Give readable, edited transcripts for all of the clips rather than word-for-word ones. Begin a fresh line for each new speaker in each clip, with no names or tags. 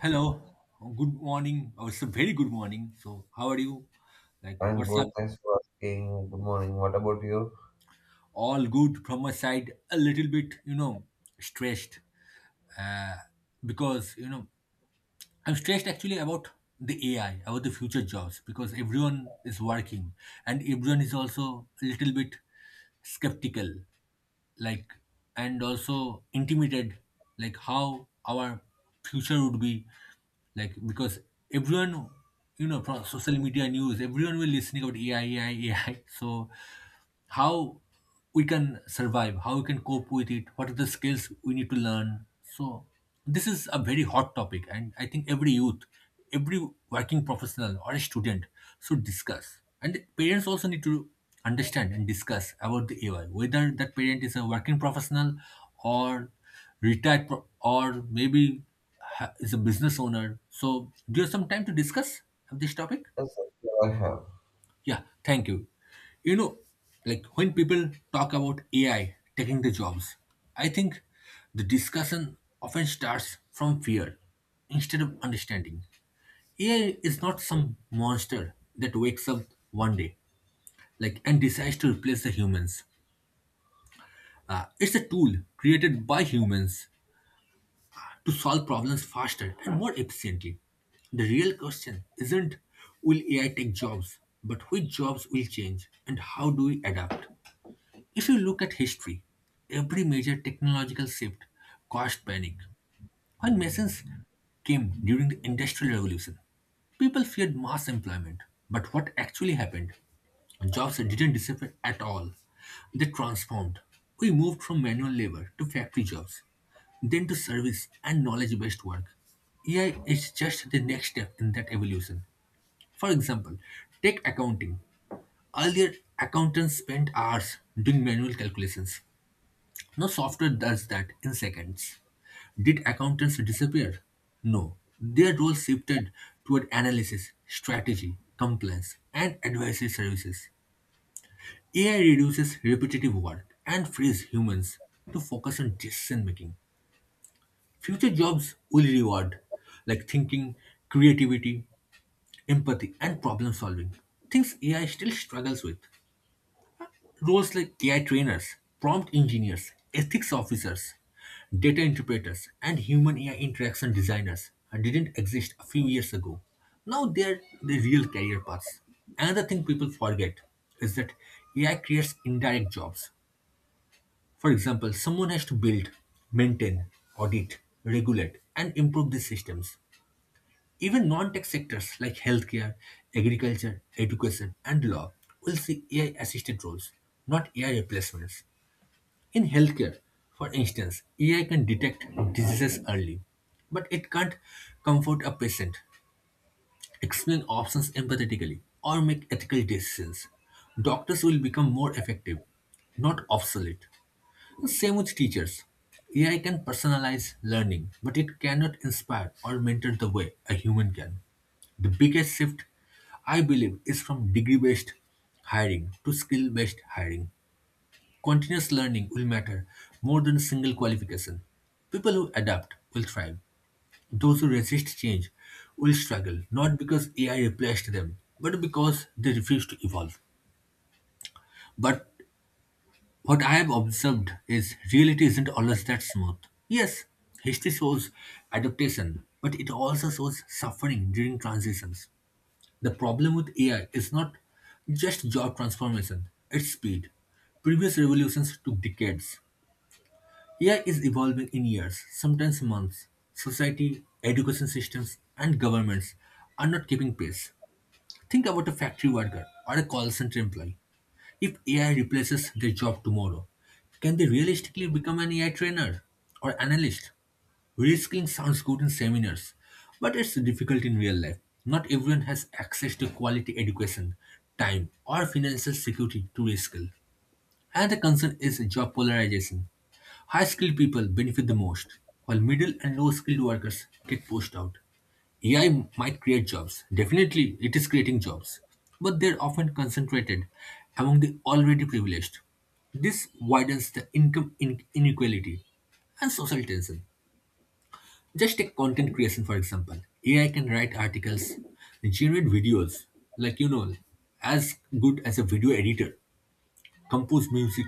Hello, good morning. Oh, it's a very good morning. So, how are you? Like,
I'm
what's up?
good. Thanks for asking. Good morning. What about you?
All good from my side. A little bit, stressed uh, because I'm stressed actually about the AI, about the future jobs, because everyone is working and everyone is also a little bit skeptical, like, and also intimidated, like, how our future would be, like, because everyone, from social media news, everyone will listening about AI, AI, AI. So, how we can survive, how we can cope with it, what are the skills we need to learn. So, this is a very hot topic, and I think every youth, every working professional, or a student should discuss. And parents also need to understand and discuss about the AI, whether that parent is a working professional or retired, or maybe is a business owner. So, do you have some time to discuss this topic?
Yes, sir. Yeah, I have.
Yeah, thank you. You know, like when people talk about AI taking the jobs, I think the discussion often starts from fear instead of understanding. AI is not some monster that wakes up one day like and decides to replace the humans. It's a tool created by humans to solve problems faster and more efficiently. The real question isn't will AI take jobs, but which jobs will change and how do we adapt? If you look at history, every major technological shift caused panic. When machines came during the Industrial Revolution, people feared mass employment. But what actually happened? Jobs didn't disappear at all. They transformed. We moved from manual labor to factory jobs, then to service and knowledge based work. AI is just the next step in that evolution. For example, take accounting. Earlier, accountants spent hours doing manual calculations. No software does that in seconds. Did accountants disappear? No. Their role shifted toward analysis, strategy, compliance, and advisory services. AI reduces repetitive work and frees humans to focus on decision making. Future jobs will reward like thinking, creativity, empathy, and problem solving. Things AI still struggles with. Roles like AI trainers, prompt engineers, ethics officers, data interpreters, and human AI interaction designers didn't exist a few years ago. Now they're the real career paths. Another thing people forget is that AI creates indirect jobs. For example, someone has to build, maintain, audit, regulate, and improve these systems. Even non tech sectors like healthcare, agriculture, education, and law will see AI assisted roles, not AI replacements. In healthcare, for instance, AI can detect diseases early, but it can't comfort a patient, explain options empathetically, or make ethical decisions. Doctors will become more effective, not obsolete. The same with teachers. AI can personalize learning, but it cannot inspire or mentor the way a human can. The biggest shift, I believe, is from degree based hiring to skill based hiring. Continuous learning will matter more than a single qualification. People who adapt will thrive. Those who resist change will struggle, not because AI replaced them, but because they refuse to evolve. But what I have observed is reality isn't always that smooth. Yes, history shows adaptation, but it also shows suffering during transitions. The problem with AI is not just job transformation, it's speed. Previous revolutions took decades. AI is evolving in years, sometimes months. Society, education systems, and governments are not keeping pace. Think about a factory worker or a call center employee. If AI replaces their job tomorrow, can they realistically become an AI trainer or analyst? Reskilling sounds good in seminars, but it's difficult in real life. Not everyone has access to quality education, time, or financial security to reskill. And the concern is job polarization. High skilled people benefit the most, while middle and low skilled workers get pushed out. AI might create jobs. Definitely, it is creating jobs, but they're often concentrated among the already privileged. This widens the income inequality and social tension. Just take content creation, for example. AI can write articles, generate videos, like you know, as good as a video editor compose music.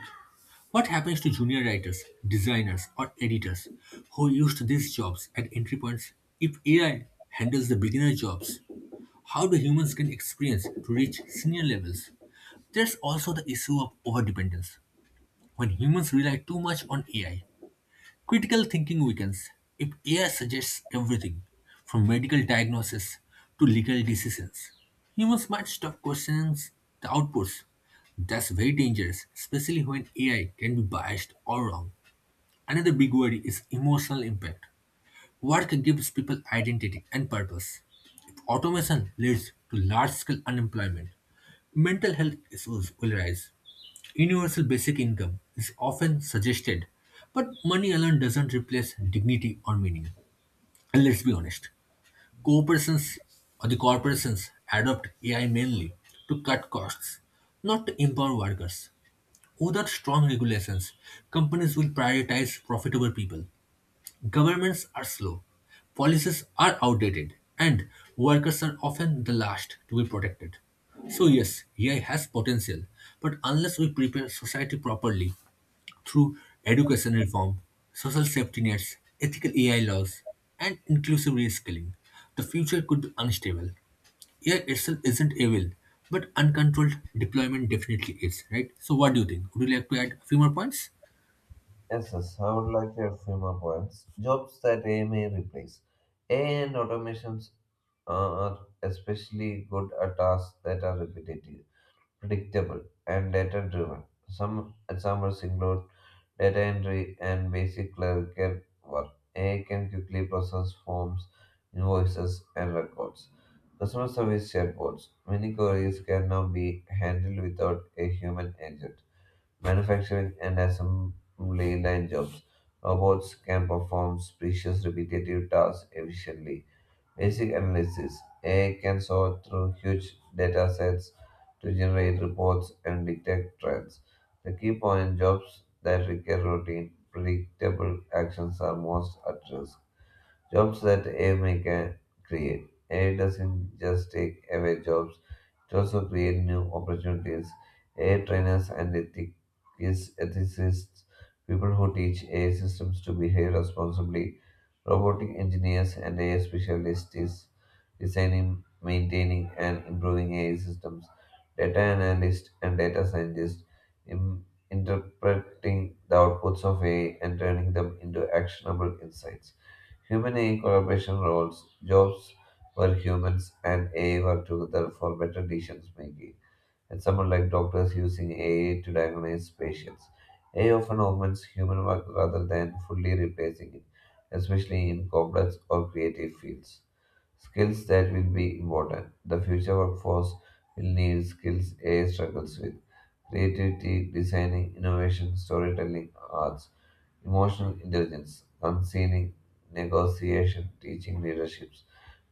What happens to junior writers, designers, or editors who used these jobs at entry points? If AI handles the beginner jobs, how do humans gain experience to reach senior levels? There's also the issue of overdependence. When humans rely too much on AI, critical thinking weakens if AI suggests everything, from medical diagnosis to legal decisions. Humans might stop questioning the outputs. That's very dangerous, especially when AI can be biased or wrong. Another big worry is emotional impact. Work gives people identity and purpose. If automation leads to large scale unemployment, mental health issues will rise. Universal basic income is often suggested, but money alone doesn't replace dignity or meaning. And let's be honest, corporations or the corporations adopt AI mainly to cut costs, not to empower workers. Without strong regulations, companies will prioritize profitable people. Governments are slow, policies are outdated, and workers are often the last to be protected. So yes, AI has potential, but unless we prepare society properly, through education reform, social safety nets, ethical AI laws, and inclusive reskilling, the future could be unstable. AI itself isn't evil, but uncontrolled deployment definitely is, right? So, what do you think? Would you like to add a few more points?
Yes, yes. I would like to add few more points. Jobs that AI may replace. AI and automations are especially good at tasks that are repetitive, predictable, and data driven. Some examples include data entry and basic clerical work. AI can quickly process forms, invoices, and records. Customer service chatbots. Many queries can now be handled without a human agent. Manufacturing and assembly line jobs. Robots can perform precious repetitive tasks efficiently. Basic analysis, AI can sort through huge data sets to generate reports and detect trends. The key point, jobs that require routine, predictable actions are most at risk. Jobs that AI may can create. AI doesn't just take away jobs, it also creates new opportunities. AI trainers and ethics, ethicists, people who teach AI systems to behave responsibly. Robotic engineers and AI specialists is designing, maintaining, and improving AI systems. Data analysts and data scientists in interpreting the outputs of AI and turning them into actionable insights. Human AI collaboration roles, jobs where humans and AI work together for better decision making, and someone like doctors using AI to diagnose patients. AI often augments human work rather than fully replacing it, especially in complex or creative fields. Skills that will be important. The future workforce will need skills AI struggles with: creativity, designing, innovation, storytelling, arts, emotional intelligence, counseling, negotiation, teaching, leadership,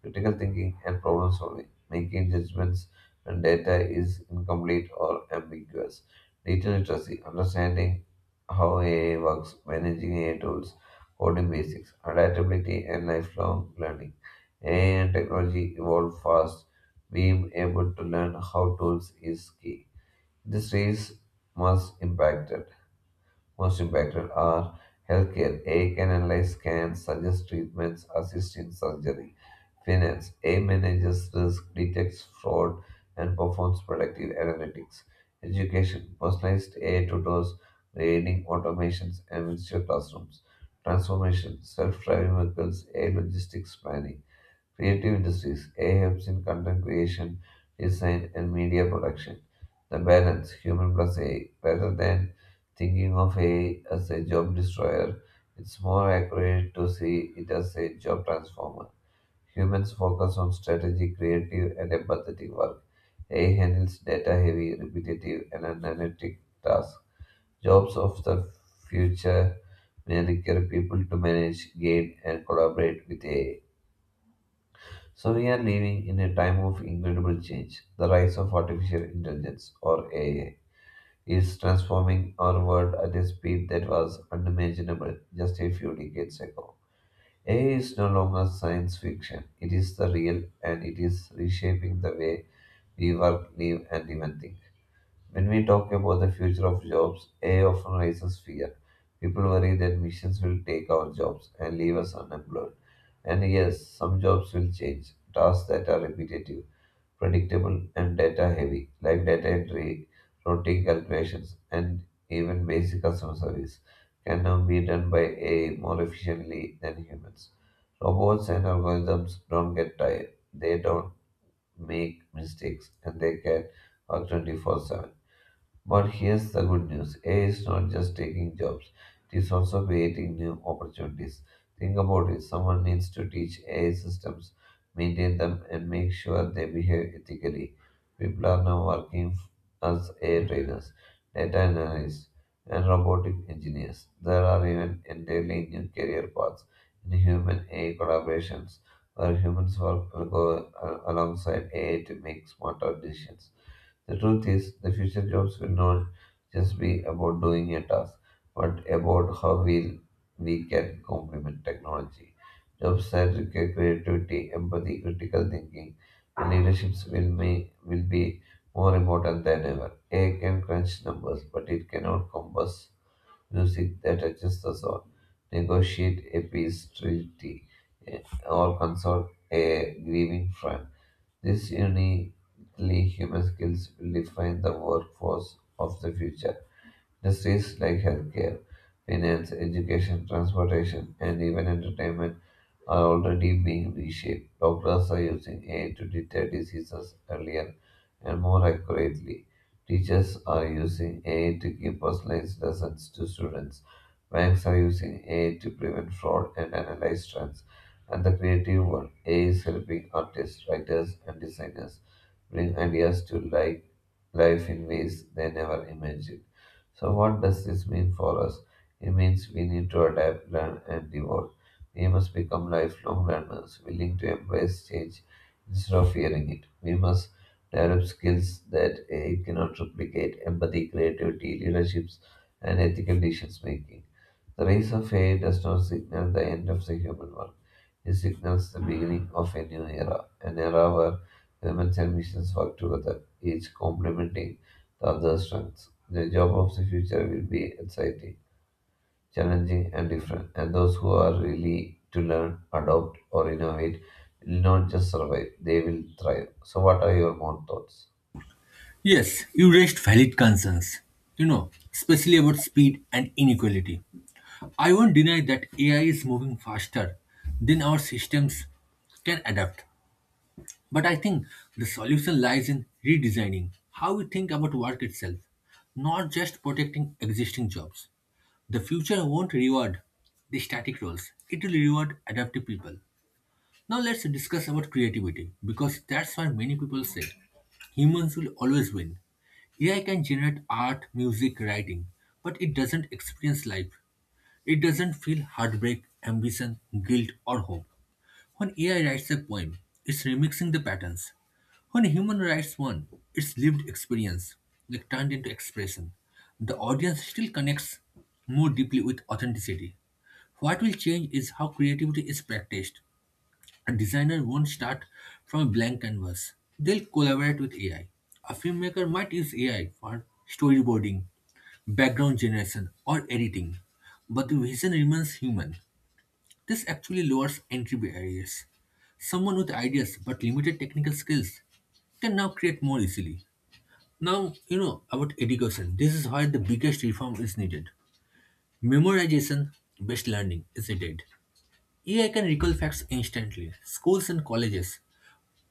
critical thinking, and problem solving, making judgments when data is incomplete or ambiguous. Data literacy, understanding how AI works, managing AI tools, coding basics, adaptability, and lifelong learning. AI and technology evolve fast. Being able to learn how tools is key. This race must impact, most impacted are healthcare. A can analyze scans, suggest treatments, assist in surgery. Finance. A manages risk, detects fraud, and performs predictive analytics. Education. Personalized AI tutors, grading automations, and virtual classrooms. Transformation. Self-driving vehicles, AI logistics planning. Creative industries, AI helps in content creation, design, and media production. The balance, human plus AI. Rather than thinking of AI as a job destroyer, it's more accurate to see it as a job transformer. Humans focus on strategic, creative, and empathetic work. AI handles data heavy, repetitive, and analytic tasks. Jobs of the future may require people to manage, guide, and collaborate with AI. So we are living in a time of incredible change. The rise of artificial intelligence, or AI, is transforming our world at a speed that was unimaginable just a few decades ago. AI is no longer science fiction. It is the real and it is reshaping the way we work, live, and even think. When we talk about the future of jobs, AI often raises fear. People worry that machines will take our jobs and leave us unemployed. And yes, some jobs will change. Tasks that are repetitive, predictable, and data heavy, like data entry, routing calculations, and even basic customer service, can now be done by AI more efficiently than humans. Robots and algorithms don't get tired, they don't make mistakes, and they can work 24/7. But here's the good news, AI is not just taking jobs, it is also creating new opportunities. Think about it, someone needs to teach AI systems, maintain them, and make sure they behave ethically. People are now working as AI trainers, data analysts, and robotic engineers. There are even entirely new career paths in human AI collaborations where humans work alongside AI to make smarter decisions. The truth is, the future jobs will not just be about doing a task, but about how we can complement technology. Jobs that require creativity, empathy, critical thinking, and leaderships will be more important than ever. AI can crunch numbers, but it cannot compose music that touches the soul, negotiate a peace treaty, eh, or consult a grieving friend. These uniquely human skills will define the workforce of the future. Industries like healthcare, finance, education, transportation, and even entertainment are already being reshaped. Doctors are using AI to detect diseases earlier and more accurately. Teachers are using AI to give personalized lessons to students. Banks are using AI to prevent fraud and analyze trends. And the creative world, AI is helping artists, writers, and designers bring ideas to life in ways they never imagined. So, what does this mean for us? It means we need to adapt, learn, and evolve. We must become lifelong learners, willing to embrace change instead of fearing it. We must develop skills that AI cannot replicate: empathy, creativity, leaderships, and ethical decision making. The rise of AI does not signal the end of the human work, it signals the beginning of a new era, an era where humans and machines work together, each complementing the other's strengths. The job of the future will be exciting, challenging, and different. And those who are really to learn, adopt, or innovate will not just survive, they will thrive. So, what are your more thoughts?
Yes, you raised valid concerns, especially about speed and inequality. I won't deny that AI is moving faster than our systems can adapt. But I think the solution lies in redesigning how we think about work itself, not just protecting existing jobs. The future won't reward the static roles, it will reward adaptive people. Now let's discuss about creativity because that's why many people say humans will always win. AI can generate art, music, writing, but it doesn't experience life. It doesn't feel heartbreak, ambition, guilt, or hope. When AI writes a poem, it's remixing the patterns. When a human writes one, it's lived experience, like turned into expression. The audience still connects more deeply with authenticity. What will change is how creativity is practiced. A designer won't start from a blank canvas. They'll collaborate with AI. A filmmaker might use AI for storyboarding, background generation, or editing, but the vision remains human. This actually lowers entry barriers. Someone with ideas but limited technical skills can now create more easily. Now, you know about education. This is where the biggest reform is needed. Memorization based learning is dead. AI can recall facts instantly. Schools and colleges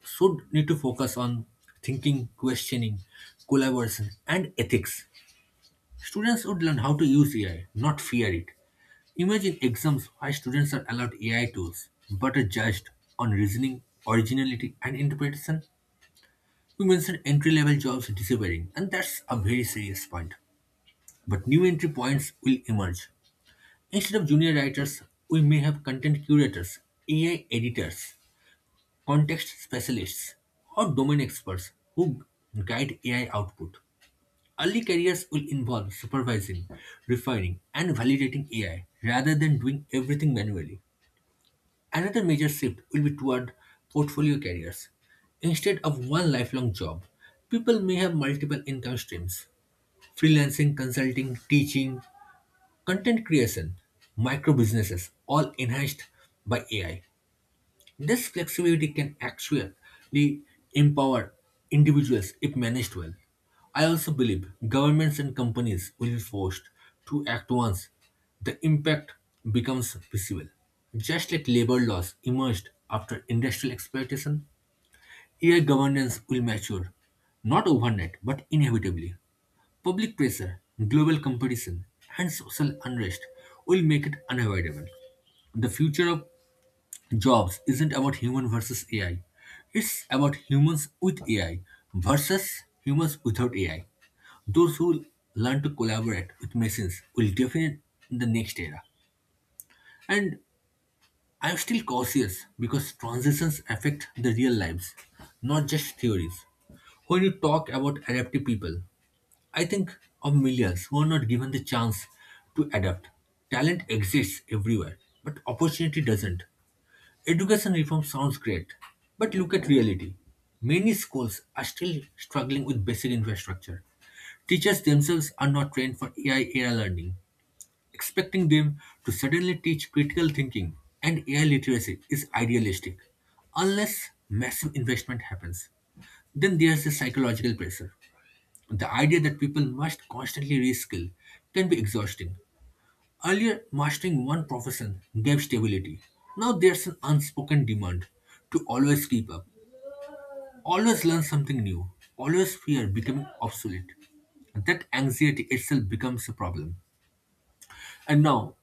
should need to focus on thinking, questioning, collaboration, and ethics. Students would learn how to use AI, not fear it. Imagine exams where students are allowed AI tools but are judged on reasoning, originality, and interpretation. We mentioned entry level jobs disappearing, and that's a very serious point. But new entry points will emerge. Instead of junior writers, we may have content curators, AI editors, context specialists, or domain experts who guide AI output. Early careers will involve supervising, refining, and validating AI rather than doing everything manually. Another major shift will be toward portfolio careers. Instead of one lifelong job, people may have multiple income streams freelancing, consulting, teaching, content creation, micro businesses, all enhanced by AI. This flexibility can actually empower individuals if managed well. I also believe governments and companies will be forced to act once the impact becomes visible. Just like labor laws emerged after industrial exploitation, AI governance will mature, not overnight, but inevitably. Public pressure, global competition, and social unrest will make it unavoidable. The future of jobs isn't about human versus AI. It's about humans with AI versus humans without AI. Those who learn to collaborate with machines will define the next era. And I'm still cautious because transitions affect the real lives, not just theories. When you talk about adaptive people, I think of millions who are not given the chance to adapt. Talent exists everywhere, but opportunity doesn't. Education reform sounds great, but look at reality. Many schools are still struggling with basic infrastructure. Teachers themselves are not trained for AI era learning. Expecting them to suddenly teach critical thinking and AI literacy is idealistic, unless massive investment happens. Then there's the psychological pressure. The idea that people must constantly reskill can be exhausting. Earlier, mastering one profession gave stability. Now there's an unspoken demand to always keep up, always learn something new, always fear becoming obsolete. That anxiety itself becomes a problem. And now,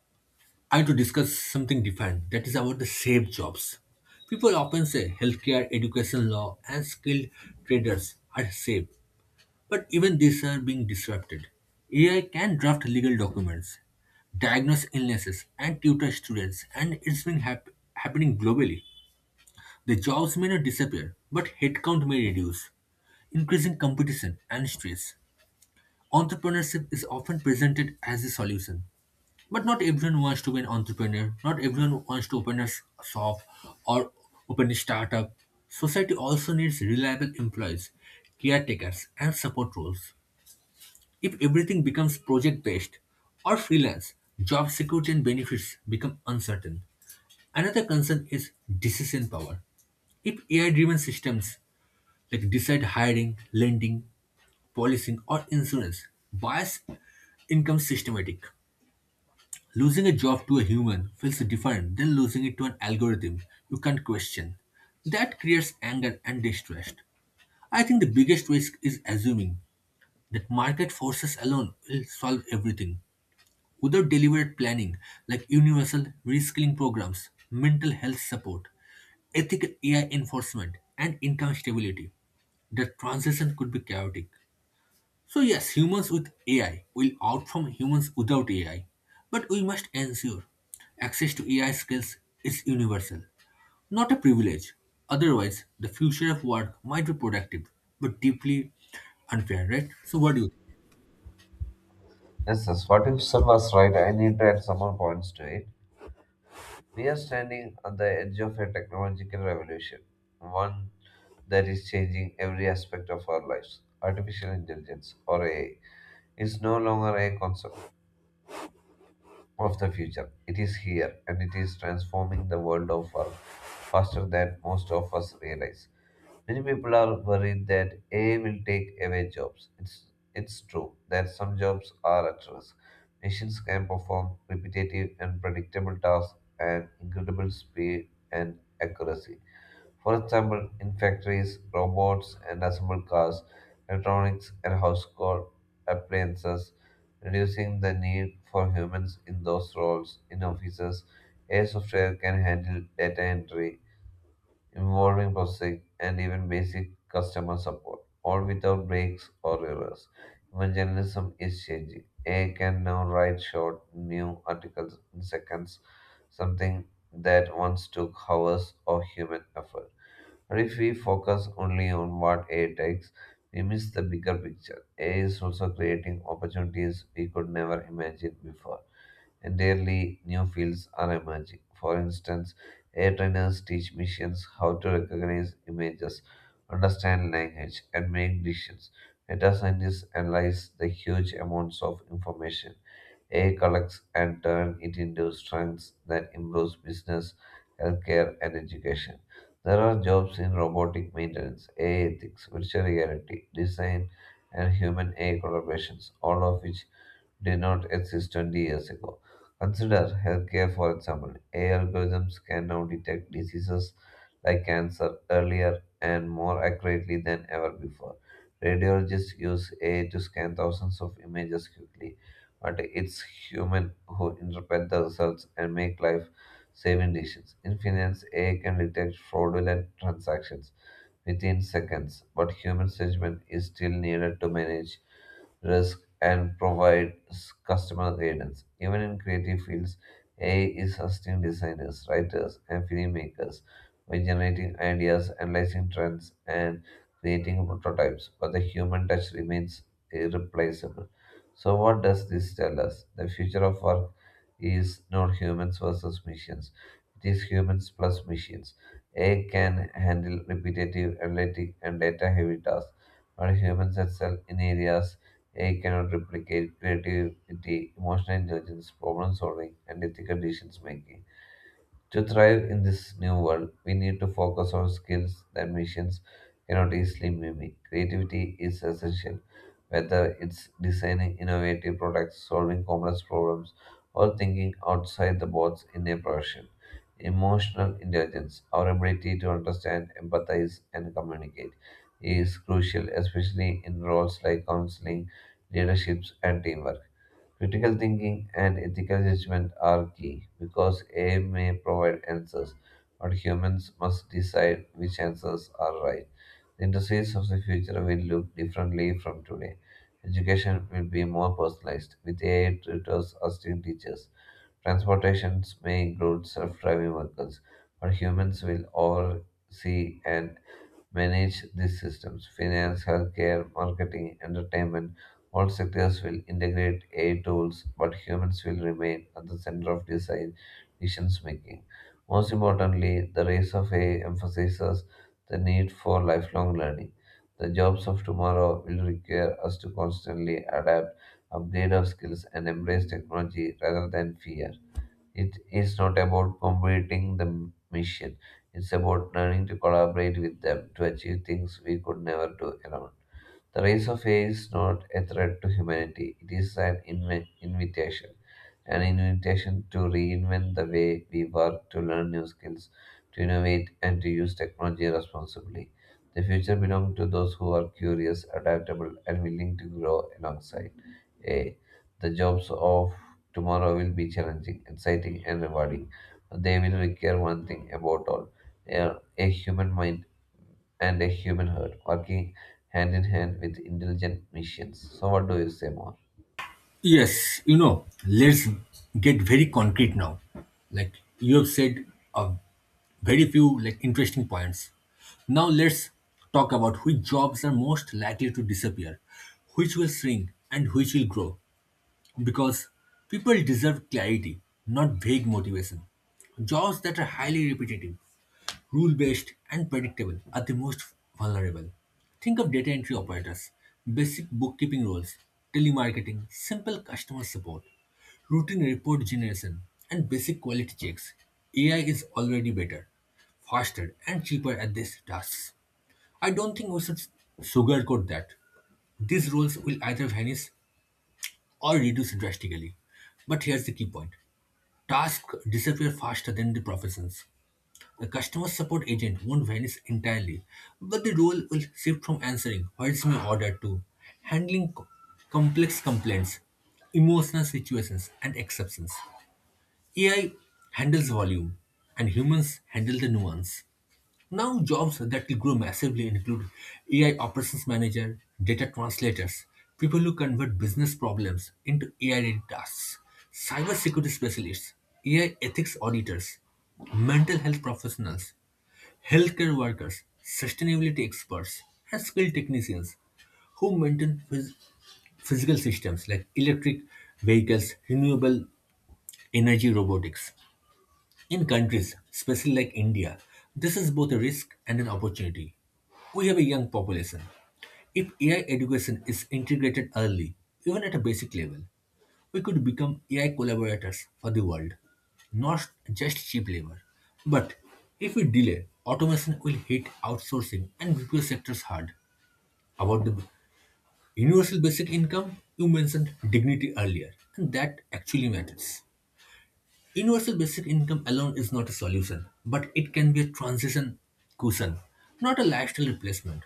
I want to discuss something different that is about the safe jobs. People often say healthcare, education, law, and skilled traders are safe, but even these are being disrupted. AI can draft legal documents, diagnose illnesses, and tutor students, and it's been happening globally. The jobs may not disappear, but headcount may reduce, increasing competition and stress. Entrepreneurship is often presented as a solution. But not everyone wants to be an entrepreneur, not everyone wants to open a shop or open a startup. Society also needs reliable employees, caretakers, and support roles. If everything becomes project-based or freelance, job security and benefits become uncertain. Another concern is decision power. If AI-driven systems like decide hiring, lending, policing, or insurance, bias income systematic. Losing a job to a human feels different than losing it to an algorithm you can't question. That creates anger and distrust. I think the biggest risk is assuming that market forces alone will solve everything. Without deliberate planning like universal reskilling programs, mental health support, ethical AI enforcement, and income stability, the transition could be chaotic. So, yes, humans with AI will outperform humans without AI, but we must ensure access to AI skills is universal, not a privilege. Otherwise, the future of work might be productive, but deeply unfair, right? So, what do you
Yes, yes. What if Sun was right? I need to add some more points to it. We are standing at the edge of a technological revolution, one that is changing every aspect of our lives. Artificial intelligence, or AI, is no longer a concept of the future. It is here, and it is transforming the world of work faster than most of us realize. Many people are worried that AI will take away jobs. It's true that some jobs are at risk. Machines can perform repetitive and predictable tasks at incredible speed and accuracy. For example, in factories, robots and assembled cars, electronics and household appliances, reducing the need for humans in those roles. In offices, AI software can handle data entry involving processing, and even basic customer support, all without breaks or errors. Even journalism is changing. AI can now write short new articles in seconds, something that once took hours of human effort. But if we focus only on what AI takes, we miss the bigger picture. AI is also creating opportunities we could never imagine before. Entirely new fields are emerging. For instance, AI trainers teach machines how to recognize images, understand language, and make decisions. Data scientists analyze the huge amounts of information AI collects and turn it into strengths that improves business, healthcare, and education. There are jobs in robotic maintenance, AI ethics, virtual reality, design, and human AI collaborations, all of which did not exist 20 years ago. Consider healthcare, for example. AI algorithms can now detect diseases like cancer earlier and more accurately than ever before. Radiologists use AI to scan thousands of images quickly, but it's human who interpret the results and make life saving decisions. In finance, AI can detect fraudulent transactions within seconds, but human judgment is still needed to manage risk and provide customer guidance. Even in creative fields, AI is assisting designers, writers, and filmmakers by generating ideas, analyzing trends, and creating prototypes, but the human touch remains irreplaceable. So, what does this tell us? The future of work is not humans versus machines, it is humans plus machines. AI can handle repetitive, analytic, and data heavy tasks, but humans excel in areas AI cannot replicate: creativity, emotional intelligence, problem solving, and ethical decision making. To thrive in this new world, we need to focus on skills that machines cannot easily mimic. Creativity is essential, whether it's designing innovative products, solving complex problems, or thinking outside the box in a profession. Emotional intelligence, our ability to understand, empathize, and communicate, is crucial, especially in roles like counseling, leaderships, and teamwork. Critical thinking and ethical judgment are key because AI may provide answers, but humans must decide which answers are right. The industries of the future will look differently from today. Education will be more personalized, with AI tutors as teachers. Transportations may include self-driving vehicles, but humans will oversee and manage these systems. Finance, healthcare, marketing, entertainment, all sectors will integrate AI tools, but humans will remain at the center of design decision making. Most importantly, the rise of AI emphasizes the need for lifelong learning. The jobs of tomorrow will require us to constantly adapt, upgrade our skills, and embrace technology rather than fear. It is not about completing the mission, it's about learning to collaborate with them to achieve things we could never do alone. The rise of AI is not a threat to humanity, it is an invitation. An invitation to reinvent the way we work, to learn new skills, to innovate, and to use technology responsibly. The future belongs to those who are curious, adaptable, and willing to grow alongside AI. The jobs of tomorrow will be challenging, exciting, and rewarding. They will require one thing about all, a human mind and a human heart, working hand in hand with intelligent machines. So, what do you say more?
Yes. Let's get very concrete now. Like you have said, uh, very few like interesting points. Now let's talk about which jobs are most likely to disappear, which will shrink, and which will grow, because people deserve clarity, not vague motivation. Jobs that are highly repetitive, rule based, and predictable are the most vulnerable. Think of data entry operators, basic bookkeeping roles, telemarketing, simple customer support, routine report generation, and basic quality checks. AI is already better, faster, and cheaper at these tasks. I don't think we should sugarcoat that. These roles will either vanish or reduce drastically. But here's the key point: tasks disappear faster than the professions. The customer support agent won't vanish entirely, but the role will shift from answering what's my order to handling complex complaints, emotional situations, and exceptions. AI handles volume, and humans handle the nuance. Now, jobs that will grow massively include AI operations manager, data translators, people who convert business problems into AI-ready tasks, cybersecurity specialists, AI ethics auditors, mental health professionals, healthcare workers, sustainability experts, and skilled technicians who maintain physical systems like electric vehicles, renewable energy robotics. In countries, especially like India, this is both a risk and an opportunity. We have a young population. If AI education is integrated early, even at a basic level, we could become AI collaborators for the world, not just cheap labor. But if we delay, automation will hit outsourcing and retail sectors hard. About the universal basic income, you mentioned dignity earlier, and that actually matters. Universal basic income alone is not a solution, but it can be a transition cushion, not a lifestyle replacement.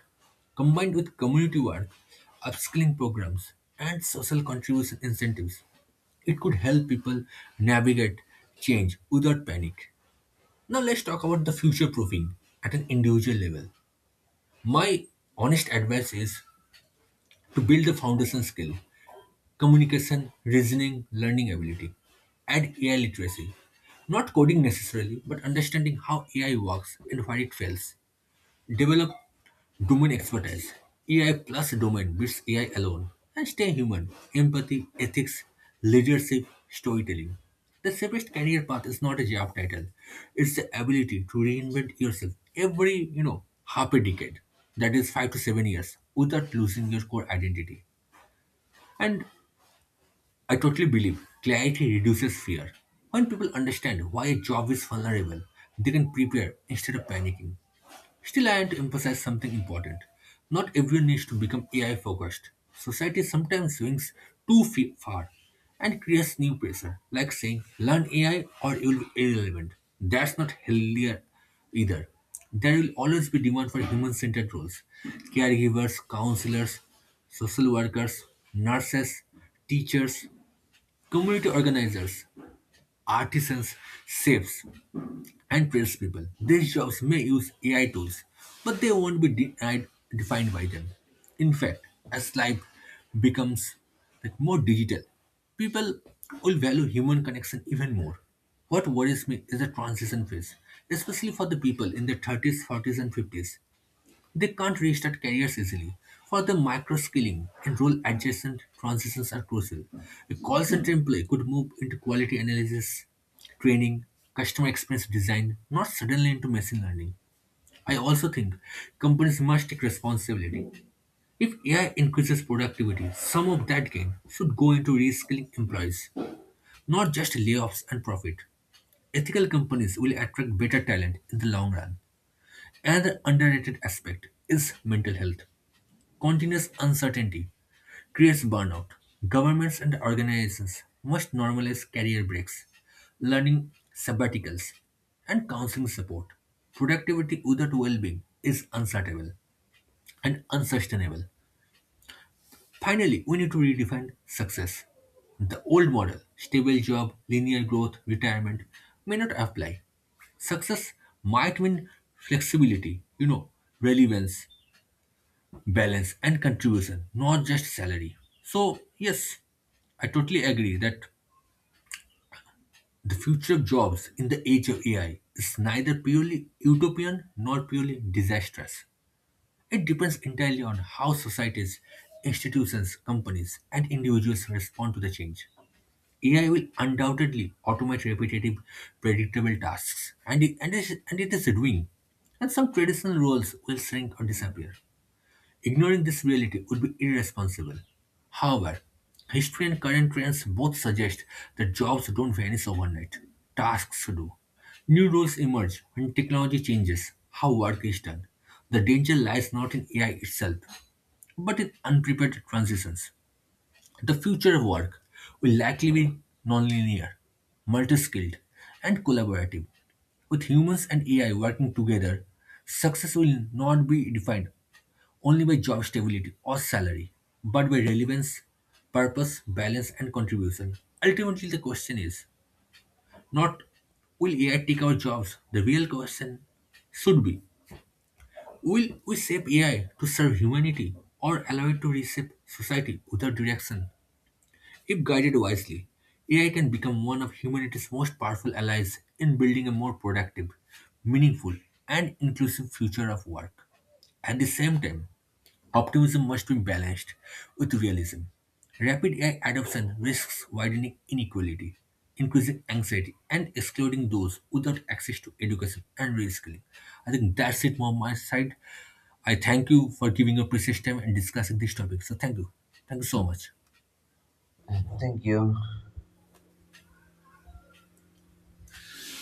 Combined with community work, upskilling programs, and social contribution incentives, it could help people navigate change without panic. Now, let's talk about the future proofing at an individual level. My honest advice is to build the foundation skill: communication, reasoning, learning ability, and AI literacy. Not coding necessarily, but understanding how AI works and where it fails. Develop domain expertise. AI plus domain beats AI alone. And stay human. Empathy, ethics, leadership, storytelling. The safest career path is not a job title. It's the ability to reinvent yourself every, half a decade, that is 5 to 7 years, without losing your core identity. And I totally believe clarity reduces fear. When people understand why a job is vulnerable, they can prepare instead of panicking. Still, I want to emphasize something important. Not everyone needs to become AI focused. Society sometimes swings too far and creates new pressure, like saying, learn AI or you will be irrelevant. That's not healthier either. There will always be demand for human centered roles. Caregivers, counselors, social workers, nurses, teachers, community organizers, artisans, chefs, and tradespeople. These jobs may use AI tools, but they won't be defined by them. In fact, as life becomes like more digital, people will value human connection even more. What worries me is the transition phase, especially for the people in their 30s, 40s, and 50s, they can't restart careers easily. For them, micro-skilling and role-adjacent transitions are crucial. A call center employee could move into quality analysis, training, customer experience design, not suddenly into machine learning. I also think companies must take responsibility. If AI increases productivity, some of that gain should go into reskilling employees, not just layoffs and profit. Ethical companies will attract better talent in the long run. Another underrated aspect is mental health. Continuous uncertainty creates burnout. Governments and organizations must normalize career breaks, learning sabbaticals, and counseling support. Productivity without well being is unsustainable. Finally, we need to redefine success. The old model, stable job, linear growth, retirement, may not apply. Success might mean flexibility, relevance, balance and contribution, not just salary. So, yes, I totally agree that the future of jobs in the age of AI is neither purely utopian nor purely disastrous. It depends entirely on how societies, institutions, companies, and individuals respond to the change. AI will undoubtedly automate repetitive, predictable tasks, and it is doing, and some traditional roles will shrink or disappear. Ignoring this reality would be irresponsible. However, history and current trends both suggest that jobs don't vanish overnight, tasks do. New roles emerge when technology changes how work is done. The danger lies not in AI itself, but in unprepared transitions. The future of work will likely be nonlinear, multi skilled, and collaborative. With humans and AI working together, success will not be defined only by job stability or salary, but by relevance, purpose, balance, and contribution. Ultimately, the question is not, will AI take our jobs? The real question should be, will we shape AI to serve humanity or allow it to reshape society without direction? If guided wisely, AI can become one of humanity's most powerful allies in building a more productive, meaningful, and inclusive future of work. At the same time, optimism must be balanced with realism. Rapid AI adoption risks widening inequality, increasing anxiety, and excluding those without access to education and reskilling. I think that's it from my side. I thank you for giving your precious time and discussing this topic. So thank you. Thank you so much.
Thank you.